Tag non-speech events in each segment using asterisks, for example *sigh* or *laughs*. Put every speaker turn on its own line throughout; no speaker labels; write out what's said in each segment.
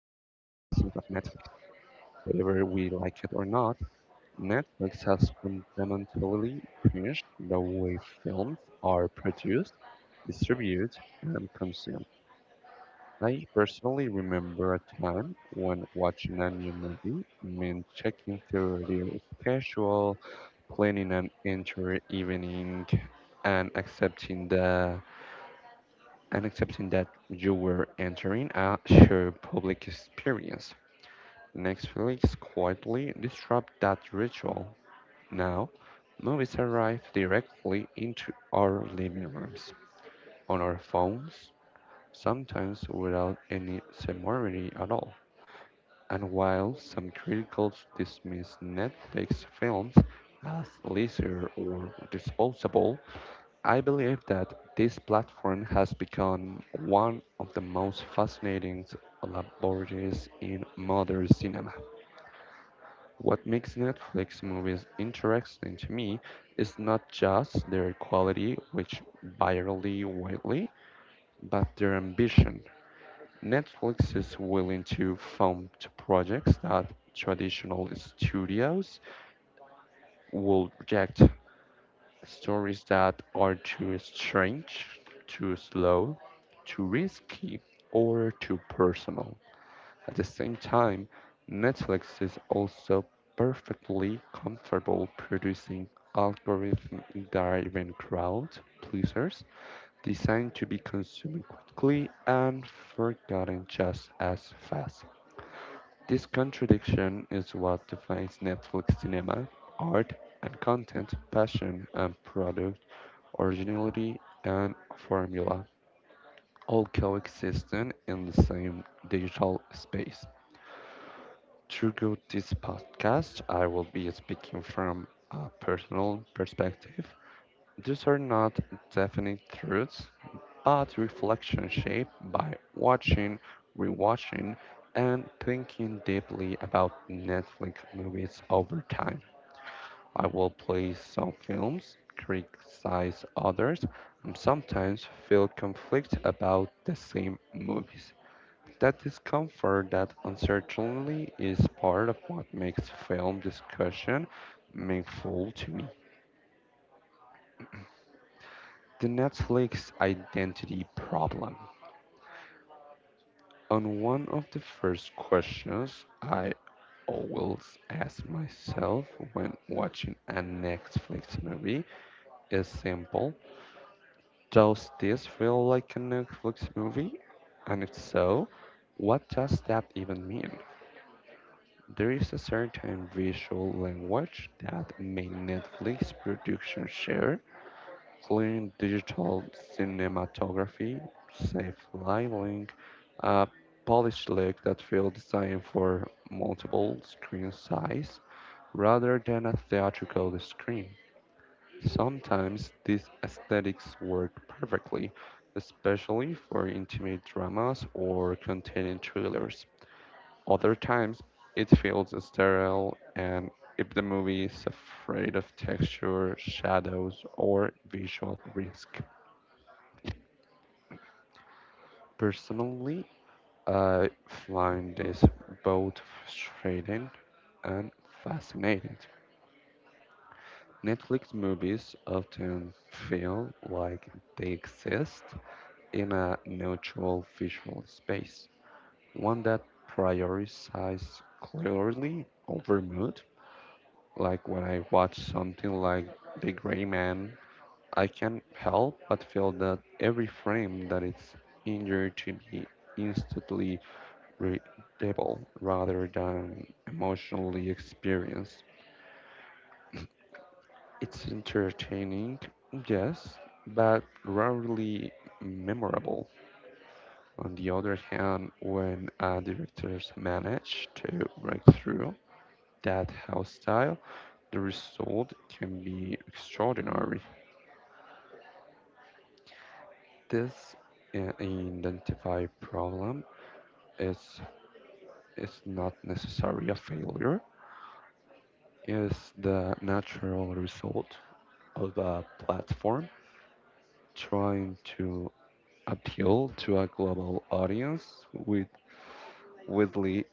presence of Netflix. Whether we like it or not, Netflix has fundamentally changed the way films are produced, distributed, and consumed. I personally remember a time when watching a new movie meant checking through their schedule, planning an entire evening, and accepting the and accepting that you were entering a shared public experience. Netflix quietly disrupt that ritual. Now, movies arrive directly into our living rooms, on our phones, sometimes without any ceremony at all. And while some critics dismiss Netflix films as leisure or disposable, I believe that this platform has become one of the most fascinating laboratories in modern cinema. What makes Netflix movies interesting to me is not just their quality, which vary widely, but their ambition. Netflix is willing to fund projects that traditional studios will reject. Stories that are too strange, too slow, too risky, or too personal. At the same time, Netflix is also perfectly comfortable producing algorithm driven crowd pleasers designed to be consumed quickly and forgotten just as fast. This contradiction is what defines Netflix cinema, art and content, passion and product, originality and formula, all coexisting in the same digital space. Throughout this podcast, I will be speaking from a personal perspective, these are not definite truths, but reflection shaped by watching, rewatching, and thinking deeply about Netflix movies over time. I will praise some films, criticize others, and sometimes feel conflict about the same movies. That discomfort, that uncertainty, is part of what makes film discussion meaningful to me. The Netflix identity problem. On one of the first questions I always ask myself when watching a Netflix movie is simple. Does this feel like a Netflix movie? And if so, what does that even mean? There is a certain visual language that many Netflix productions share. Clean digital cinematography, safe lighting, a polished look that feels designed for multiple screen size rather than a theatrical screen. Sometimes these aesthetics work perfectly, especially for intimate dramas or containing thrillers. Other times, it feels sterile, and if the movie is afraid of texture, shadows, or visual risk. Personally, I find this both frustrating and fascinating. Netflix movies often feel like they exist in a neutral visual space, one that prioritizes clearly over mood. Like when I watch something like The Gray Man, I can't help but feel that every frame that is injured to me instantly readable rather than emotionally experienced. It's entertaining, yes, but rarely memorable. On the other hand, when directors manage to break through that house style, the result can be extraordinary. This identify problem is is not necessarily a failure is the natural result of a platform trying to appeal to a global audience with widely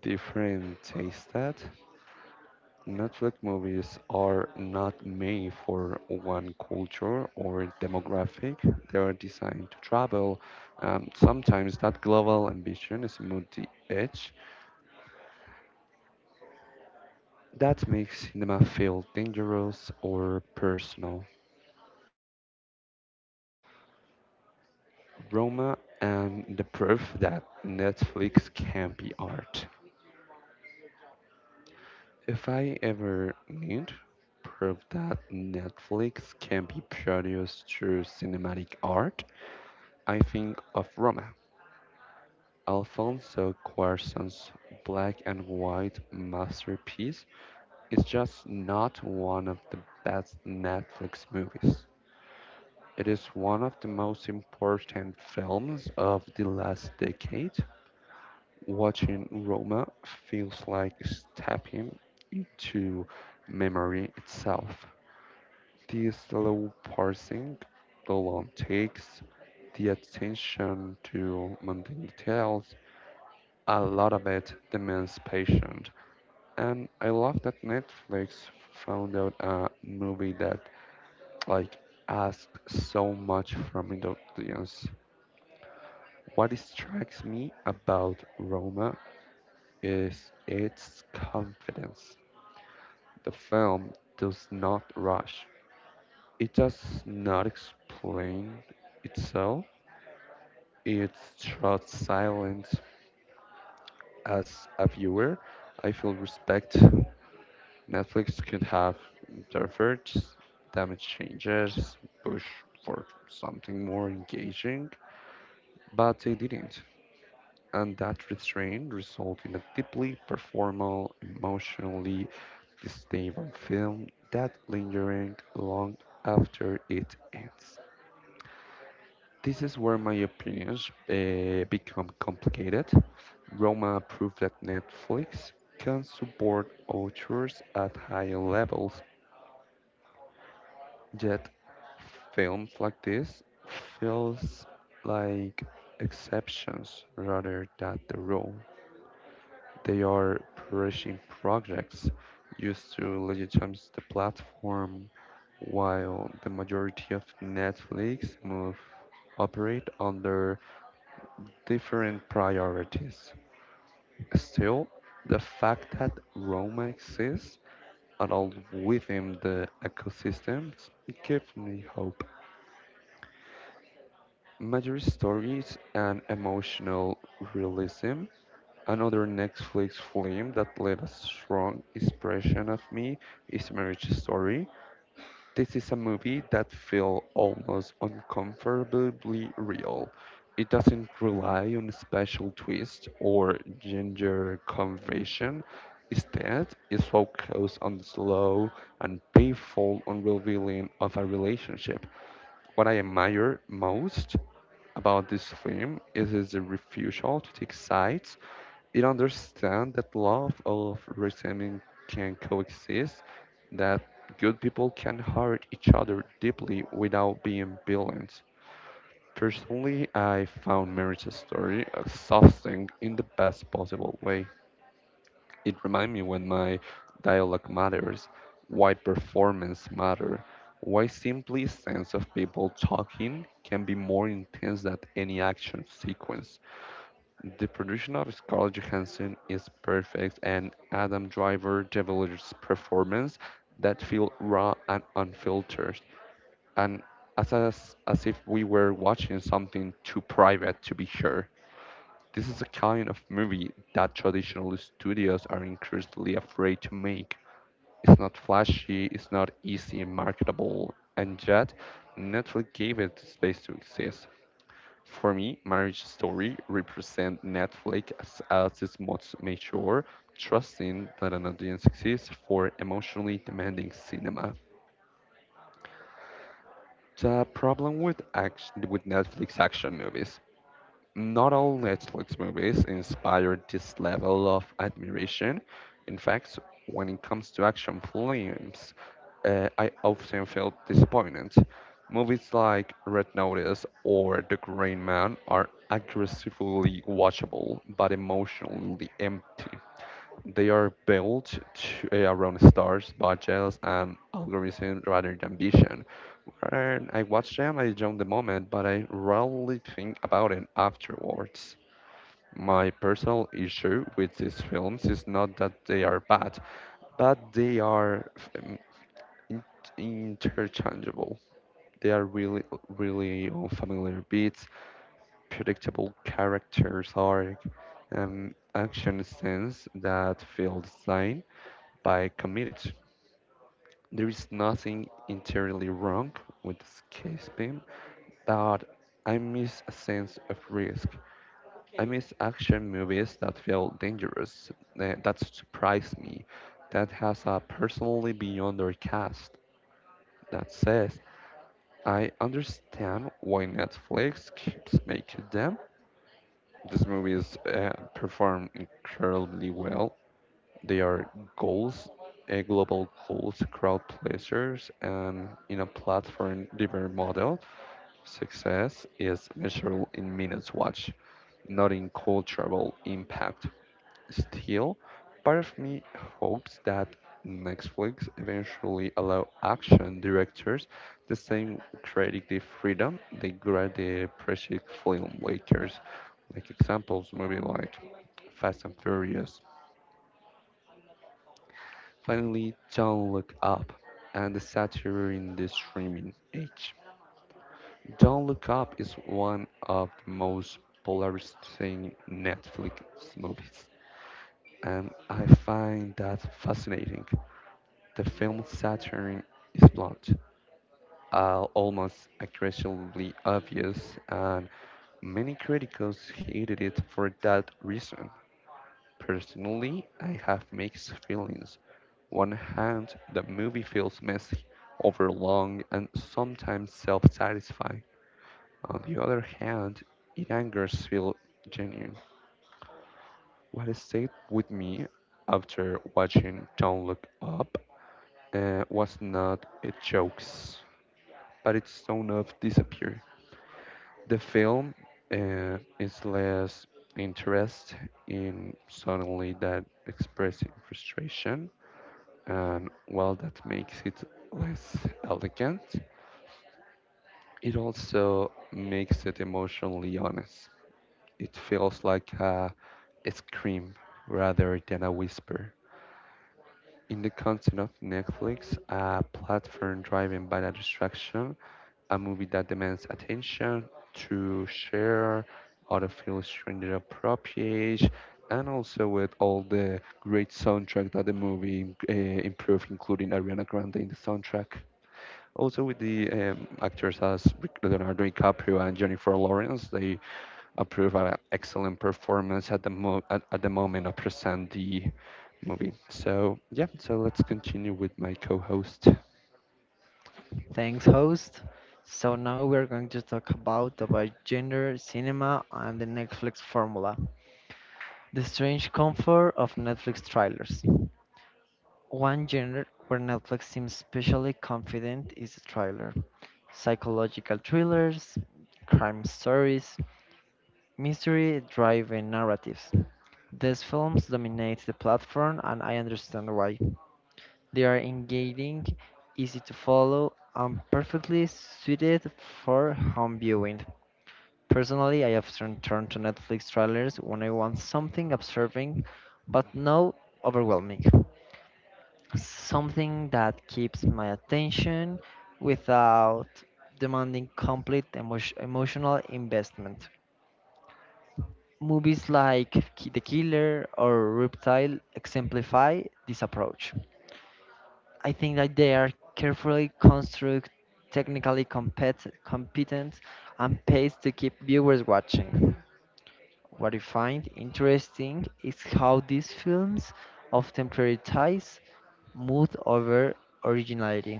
different taste that Netflix movies are not made for one culture or demographic. They are designed to travel. Sometimes that global ambition is multi-edge. That makes cinema feel dangerous or personal. Roma and the proof that Netflix can be art. If I ever need proof that Netflix can be produced through cinematic art, I think of Roma. Alfonso Cuarón's black and white masterpiece is just not one of the best Netflix movies. It is one of the most important films of the last decade. Watching Roma feels like stepping into memory itself. The slow parsing, the long takes, the attention to mundane details, a lot of it demands patience. And I love that Netflix found out a movie that like asked so much from the audience. What strikes me about Roma is its confidence. The film does not rush. It does not explain itself. It trusts silence. As a viewer, I feel respect. Netflix could have interfered, damage changes, push for something more engaging, but they didn't. And that restraint results in a deeply performal, emotionally stable film that lingering long after it ends. This is where my opinions become complicated. Roma proved that Netflix can support authors at higher levels, yet films like this feels like exceptions rather than the rule. They are perishing projects used to legitimize the platform, while the majority of Netflix move operate under different priorities. Still, the fact that Roma exists at all within the ecosystem gives me hope. Major Stories and Emotional Realism. Another Netflix film that left a strong impression of me is Marriage Story. This is a movie that feels almost uncomfortably real. It doesn't rely on special twist or ginger conversion. Instead, it's focused on the slow and painful unrevealing of a relationship. What I admire most about this film is its refusal to take sides. It understands that love of resentment can coexist, that good people can hurt each other deeply without being violent. Personally, I found marriage story exhausting in the best possible way. It reminds me when my dialogue matters, why performance matter, why simply sense of people talking can be more intense than any action sequence. The production of Scarlett Johansson is perfect, and Adam Driver delivers performance that feel raw and unfiltered, and as if we were watching something too private to be sure. This is a kind of movie that traditional studios are increasingly afraid to make. It's not flashy, it's not easy and marketable, and yet Netflix gave it the space to exist. For me, Marriage Story represents Netflix as its most mature, trusting that an audience exists for emotionally demanding cinema. The problem with action with Netflix action movies not all Netflix movies inspire this level of admiration. In fact, when it comes to action films, I often feel disappointed. Movies like Red Notice or The Green Man are aggressively watchable but emotionally empty. They are built to, around stars, budgets, and algorithm rather than vision. When I watch them, I enjoy the moment, but I rarely think about it afterwards. My personal issue with these films is not that they are bad, but they are um, in- interchangeable. They are really, really unfamiliar beats, predictable characters arc, and action scenes that feel the same by committees. There is nothing entirely wrong with this case beam, but I miss a sense of risk. I miss action movies that feel dangerous, that surprise me, that has a personally beyond their cast, that says, I understand why Netflix keeps making them. These movies perform incredibly well. They are goals, global goals, crowd pleasers, and in a platform driven model, success is measurable in minutes watch, not in cultural impact. Still, part of me hopes that Netflix eventually allow action directors the same creative freedom they grant the precious filmmakers. Like examples, maybe like Fast and Furious. Finally, Don't Look Up and the satire in the streaming age. Don't Look Up is one of the most polarizing Netflix movies, and I find that fascinating. The film's satire is blunt, almost aggressively obvious, and many critics hated it for that reason. Personally, I have mixed feelings. One hand, the movie feels messy, overlong, and sometimes self-satisfying. On the other hand, it angers feel genuine. What stayed with me after watching Don't Look Up was not a jokes, but its tone of disappear. The film is less interest in suddenly that expressing frustration and while that makes it less elegant, it also makes it emotionally honest. It feels like a scream rather than a whisper. In the content of Netflix, a platform driven by a distraction, a movie that demands attention to share, out feel appropriate, and also with all the great soundtrack that the movie improved, including Ariana Grande in the soundtrack. Also, with the actors as Leonardo DiCaprio and Jennifer Lawrence, they approve an excellent performance at the at the moment of present the movie. So yeah, so let's continue with my co-host.
Thanks, host. So now we're going to talk about gender, cinema, and the Netflix formula. The strange comfort of Netflix trailers. One genre where Netflix seems especially confident is the trailer. Psychological thrillers, crime stories, mystery-driven narratives. These films dominate the platform, and I understand why. They are engaging, easy to follow, and perfectly suited for home viewing. Personally, I often turn to Netflix trailers when I want something absorbing but not overwhelming. Something that keeps my attention without demanding complete emotional investment. Movies like The Killer or Reptile exemplify this approach. I think that they are carefully constructed, technically competent, and paced to keep viewers watching. What I find interesting is how these films often prioritize mood over originality.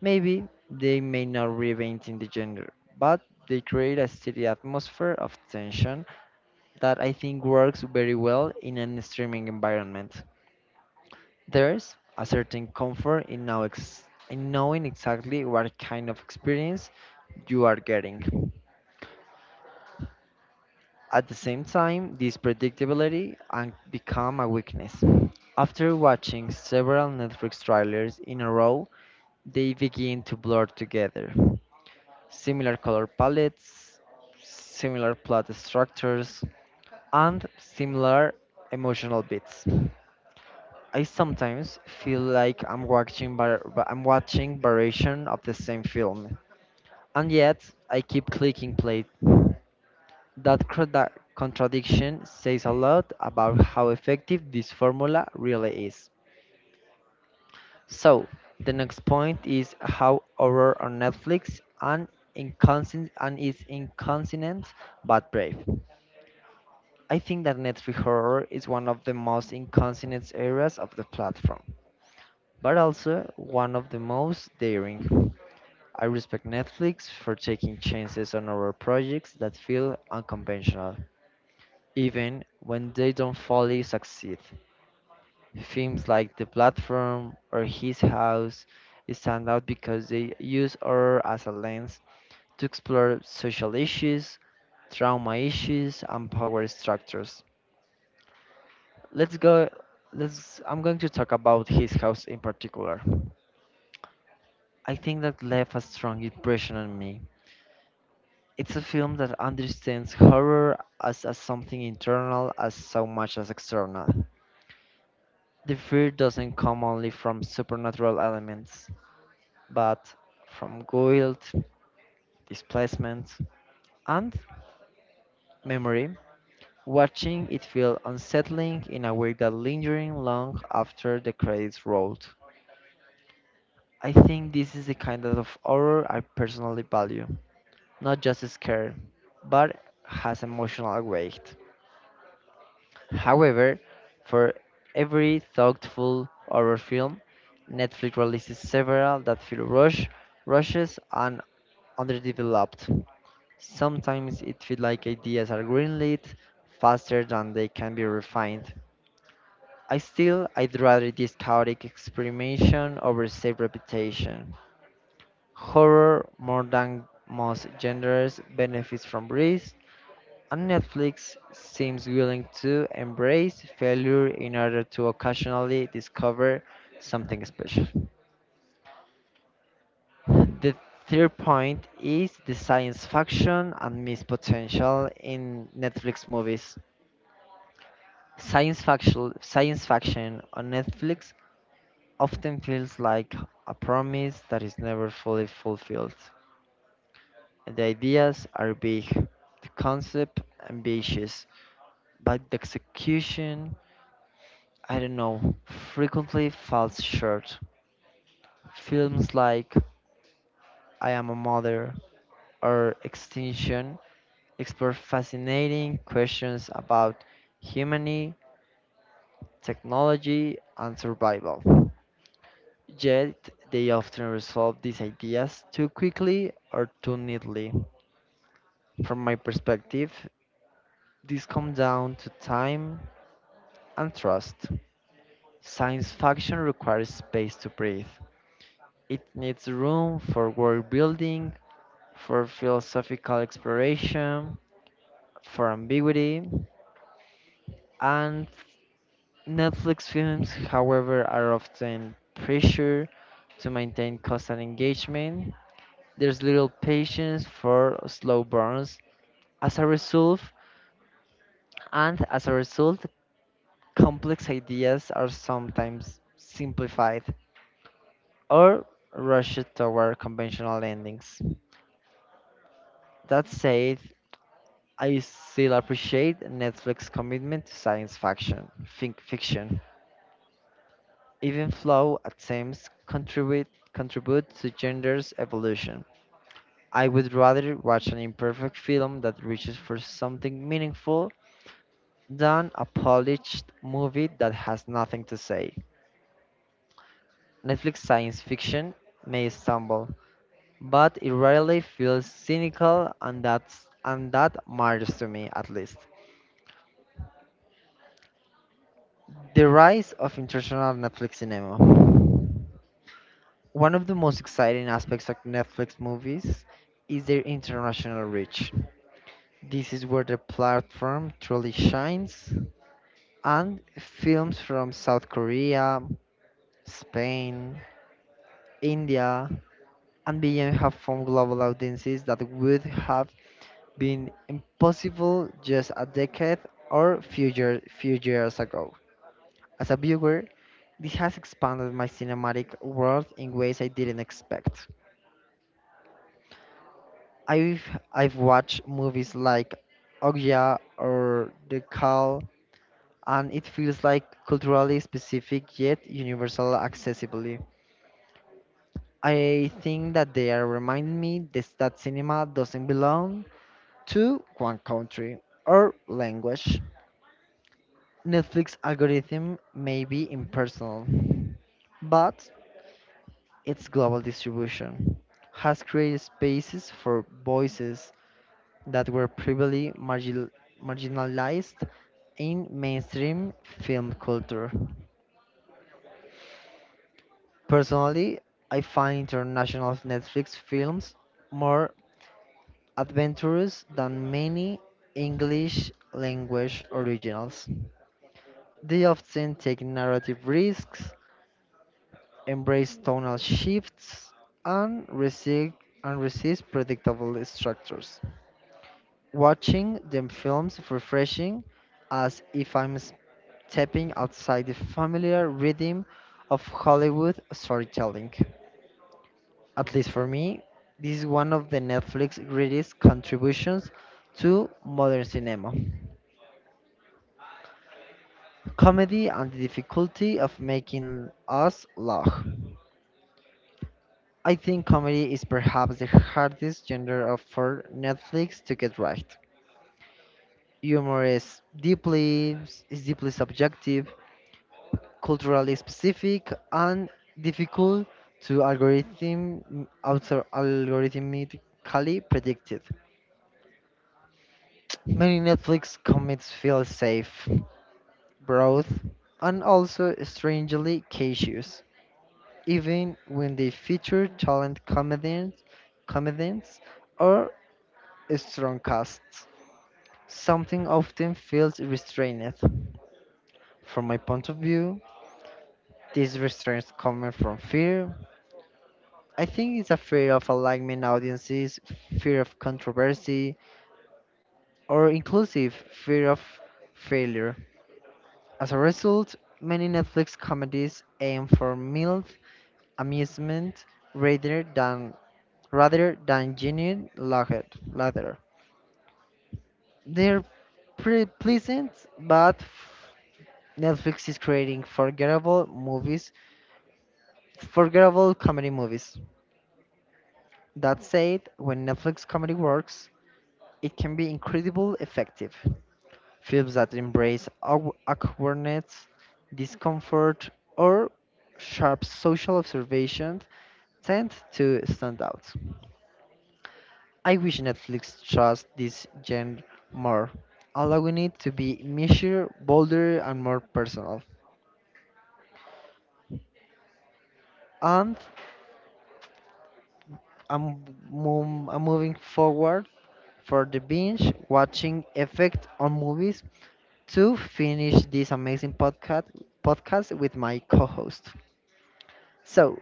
Maybe they may not reinvent in the genre, but they create a steady atmosphere of tension that I think works very well in an streaming environment. There's a certain comfort in knowing exactly what kind of experience you are getting. At the same time, this predictability can become a weakness. After watching several Netflix trailers in a row, they begin to blur together. Similar color palettes, similar plot structures, and similar emotional beats. I sometimes feel like I'm watching variation of the same film, and yet I keep clicking play. That contradiction says a lot about how effective this formula really is. So, the next point is how horror on Netflix and inconsistent and is inconsistent but brave. I think that Netflix horror is one of the most inconsistent areas of the platform, but also one of the most daring. I respect Netflix for taking chances on our projects that feel unconventional, even when they don't fully succeed. Films like The Platform or His House stand out because they use horror as a lens to explore social issues, trauma issues, and power structures. Let's go. Let's. I'm going to talk about His House in particular. I think that left a strong impression on me. It's a film that understands horror as something internal as so much as external. The fear doesn't come only from supernatural elements, but from guilt, displacement, and memory. Watching it feel unsettling in a way that lingering long after the credits rolled. I think this is the kind of horror I personally value, not just scared, but has emotional weight. However, for every thoughtful horror film, Netflix releases several that feel rushed, rushes, and underdeveloped. Sometimes it feels like ideas are greenlit faster than they can be refined. I still, I'd rather this chaotic experimentation over safe reputation. Horror, more than most genres, benefits from risk, and Netflix seems willing to embrace failure in order to occasionally discover something special. The third point is the science fiction and missed potential in Netflix movies. Science fiction on Netflix often feels like a promise that is never fully fulfilled. The ideas are big, the concept ambitious, but the execution, I don't know, frequently falls short. Films like I Am a Mother or Extinction explore fascinating questions about humanity, technology, and survival. Yet, they often resolve these ideas too quickly or too neatly. From my perspective, this comes down to time and trust. Science fiction requires space to breathe. It needs room for world building, for philosophical exploration, for ambiguity, and Netflix films, however, are often pressured to maintain constant engagement. There's little patience for slow burns. As a result, as a result, complex ideas are sometimes simplified or rushed toward conventional endings. That said, I still appreciate Netflix's commitment to science fiction, think fiction, even flow attempts contribute to gender's evolution. I would rather watch an imperfect film that reaches for something meaningful than a polished movie that has nothing to say. Netflix science fiction may stumble, but it rarely feels cynical and that matters to me at least. The rise of international Netflix cinema. One of the most exciting aspects of Netflix movies is their international reach. This is where the platform truly shines, and films from South Korea, Spain, India, and beyond have found global audiences that would have been impossible just a decade or few years ago. As a viewer, this has expanded my cinematic world in ways I didn't expect. I've I've watched movies like Ogya or The Call, and it feels like culturally specific yet universal accessibly. I think that they are reminding me this, that cinema doesn't belong to one country or language. Netflix algorithm may be impersonal, but its global distribution has created spaces for voices that were previously marginalized in mainstream film culture. Personally, I find international Netflix films more adventurous than many English language originals. They often take narrative risks embrace tonal shifts, and resist, and resist predictable structures. Watching them films refreshing as if I'm stepping outside the familiar rhythm of Hollywood storytelling. At least for me, this is one of the Netflix greatest contributions to modern cinema. Comedy and the difficulty of making us laugh. I think comedy is perhaps the hardest genre of for Netflix to get right. Humor is deeply subjective, culturally specific, and difficult to algorithm also algorithmically predicted. Many Netflix comics feel safe, broad, and also strangely cautious, even when they feature talent comedians or strong casts. Something often feels restrained. From my point of view, these restraints coming from fear. I think it's a fear of alignment audiences, fear of controversy, or inclusive fear of failure. As a result, many Netflix comedies aim for mild amusement rather than rather than genuine laughter. They're pretty pleasant but Netflix is creating forgettable movies, forgettable comedy movies. That said, when Netflix comedy works, it can be incredibly effective. Films that embrace awkwardness, discomfort, or sharp social observations tend to stand out. I wish Netflix trusts this genre more, allowing it to be measured, bolder, and more personal. And I'm moving forward for the binge watching effect on movies to finish this amazing podcast with my co-host. So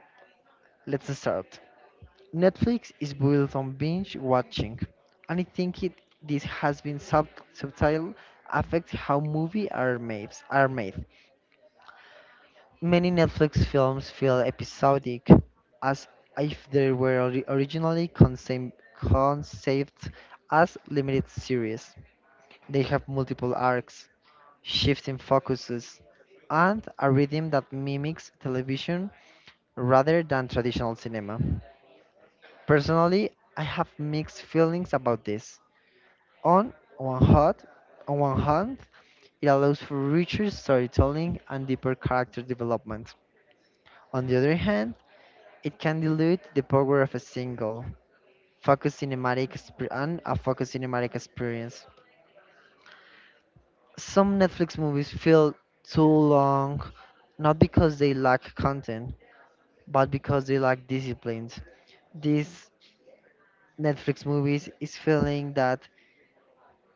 let's start. Netflix is built on binge watching, and I think it this has been subtle affect how movies are made. Many Netflix films feel episodic, as if they were originally conceived as limited series. They have multiple arcs, shifting focuses, and a rhythm that mimics television rather than traditional cinema. Personally, I have mixed feelings about this. On one hand, on one hand, it allows for richer storytelling and deeper character development. On the other hand, it can dilute the power of a single focus cinematic exp- and a focused cinematic experience. Some Netflix movies feel too long, not because they lack content, but because they lack disciplines. These Netflix movies is feeling that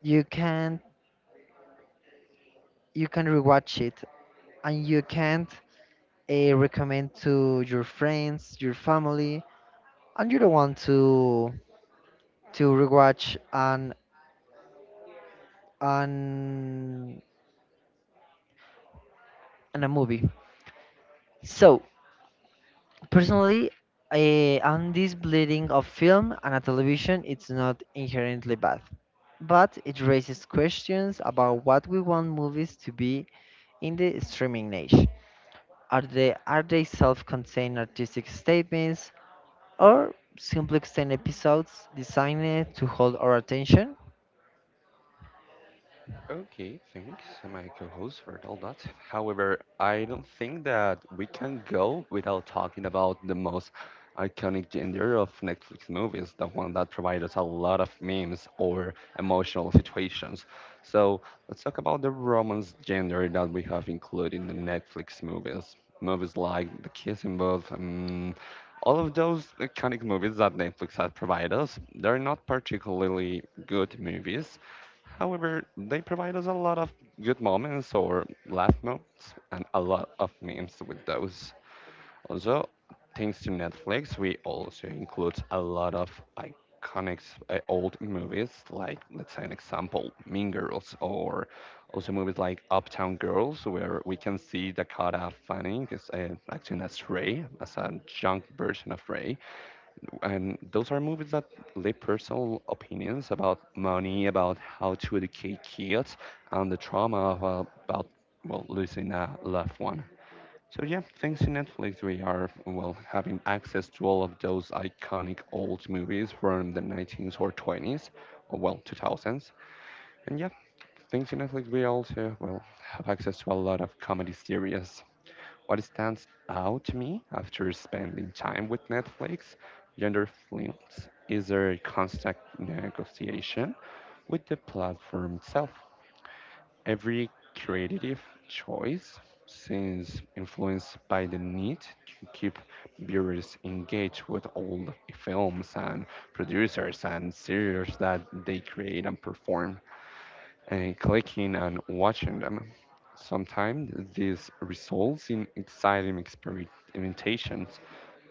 you can you can rewatch it and you can't recommend to your friends, your family, and you don't want to rewatch an an a movie. So personally, and this bleeding of film and a television it's not inherently bad, but it raises questions about what we want movies to be in the streaming age. Are they self-contained artistic statements or simply extended episodes designed to hold our attention?
Okay, thanks, my co-host, for all that. However, I don't think that we can go without talking about the most iconic genre of Netflix movies, the one that provides us a lot of memes or emotional situations. So let's talk about the romance genre that we have included in the Netflix movies. Movies like The Kissing Booth, all of those iconic movies that Netflix has provided us, they're not particularly good movies. However, they provide us a lot of good moments or laugh moments and a lot of memes with those. Also, thanks to Netflix, we also include a lot of iconic old movies, like let's say an example, Mean Girls, or also movies like Uptown Girls, where we can see Dakota Fanning is, acting as Ray, as a young version of Ray, and those are movies that leave personal opinions about money, about how to educate kids, and the trauma of, about well losing a loved one. So yeah, thanks to Netflix, we are well having access to all of those iconic old movies from the 19s or 20s, or well 2000s. And yeah, thanks to Netflix, we also well have access to a lot of comedy series. What stands out to me after spending time with Netflix, gender films, is their constant negotiation with the platform itself. Every creative choice seems influenced by the need to keep viewers engaged with all the films and producers and series that they create and perform and clicking and watching them. Sometimes this results in exciting experimentations.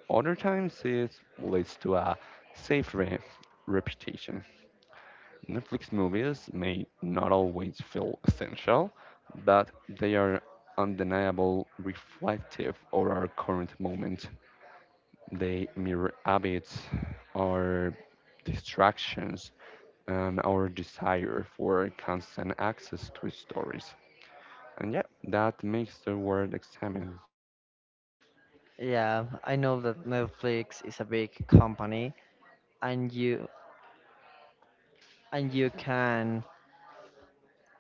Other times it leads to a safe re- reputation. Netflix movies may not always feel essential, but they are undeniable reflective of our current moment. They mirror habits, our distractions, and our desire for constant access to stories. And yeah, that makes the world examine.
Yeah, I know that Netflix is a big company and you and you can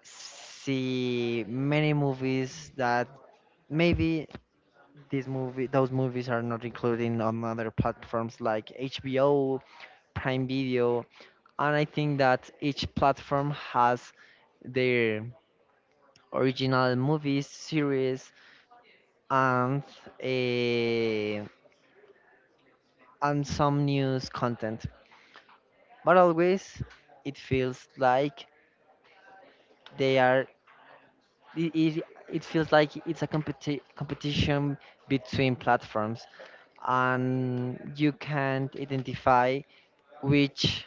see many movies that maybe these movie those movies are not included on other platforms like HBO, Prime Video, and I think that each platform has their original movies, series, and eh, and some news content. But always, it feels like they are. It, it, it feels like it's a competition between platforms, and you can't identify which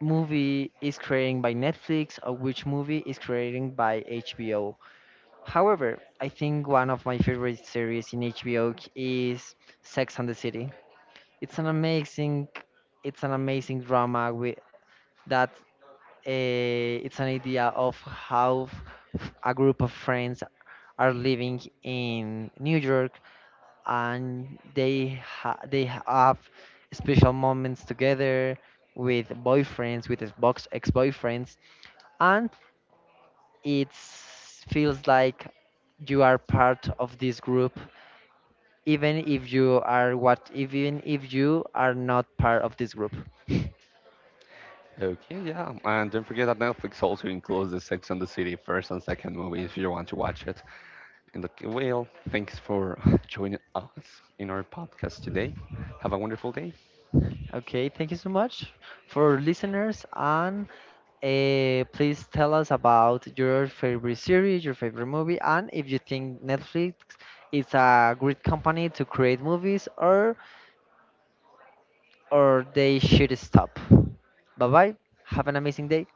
movie is created by Netflix or which movie is created by HBO. However, I think one of my favorite series in HBO is Sex and the City. It's an amazing, it's an amazing drama with that. Uh, it's an idea of how a group of friends are living in New York and they have special moments together with boyfriends, with Xbox ex-boyfriends, and it feels like you are part of this group, even if you are what even if you are not part of this group.
Okay, yeah, and don't forget that Netflix also includes the Sex and the City first and second movie if you want to watch it. And okay, well, thanks for *laughs* joining us in our podcast today. Have a wonderful day.
Okay, thank you so much for listeners and please tell us about your favorite series, your favorite movie, and if you think Netflix is a great company to create movies or they should stop. Bye bye. Have an amazing day.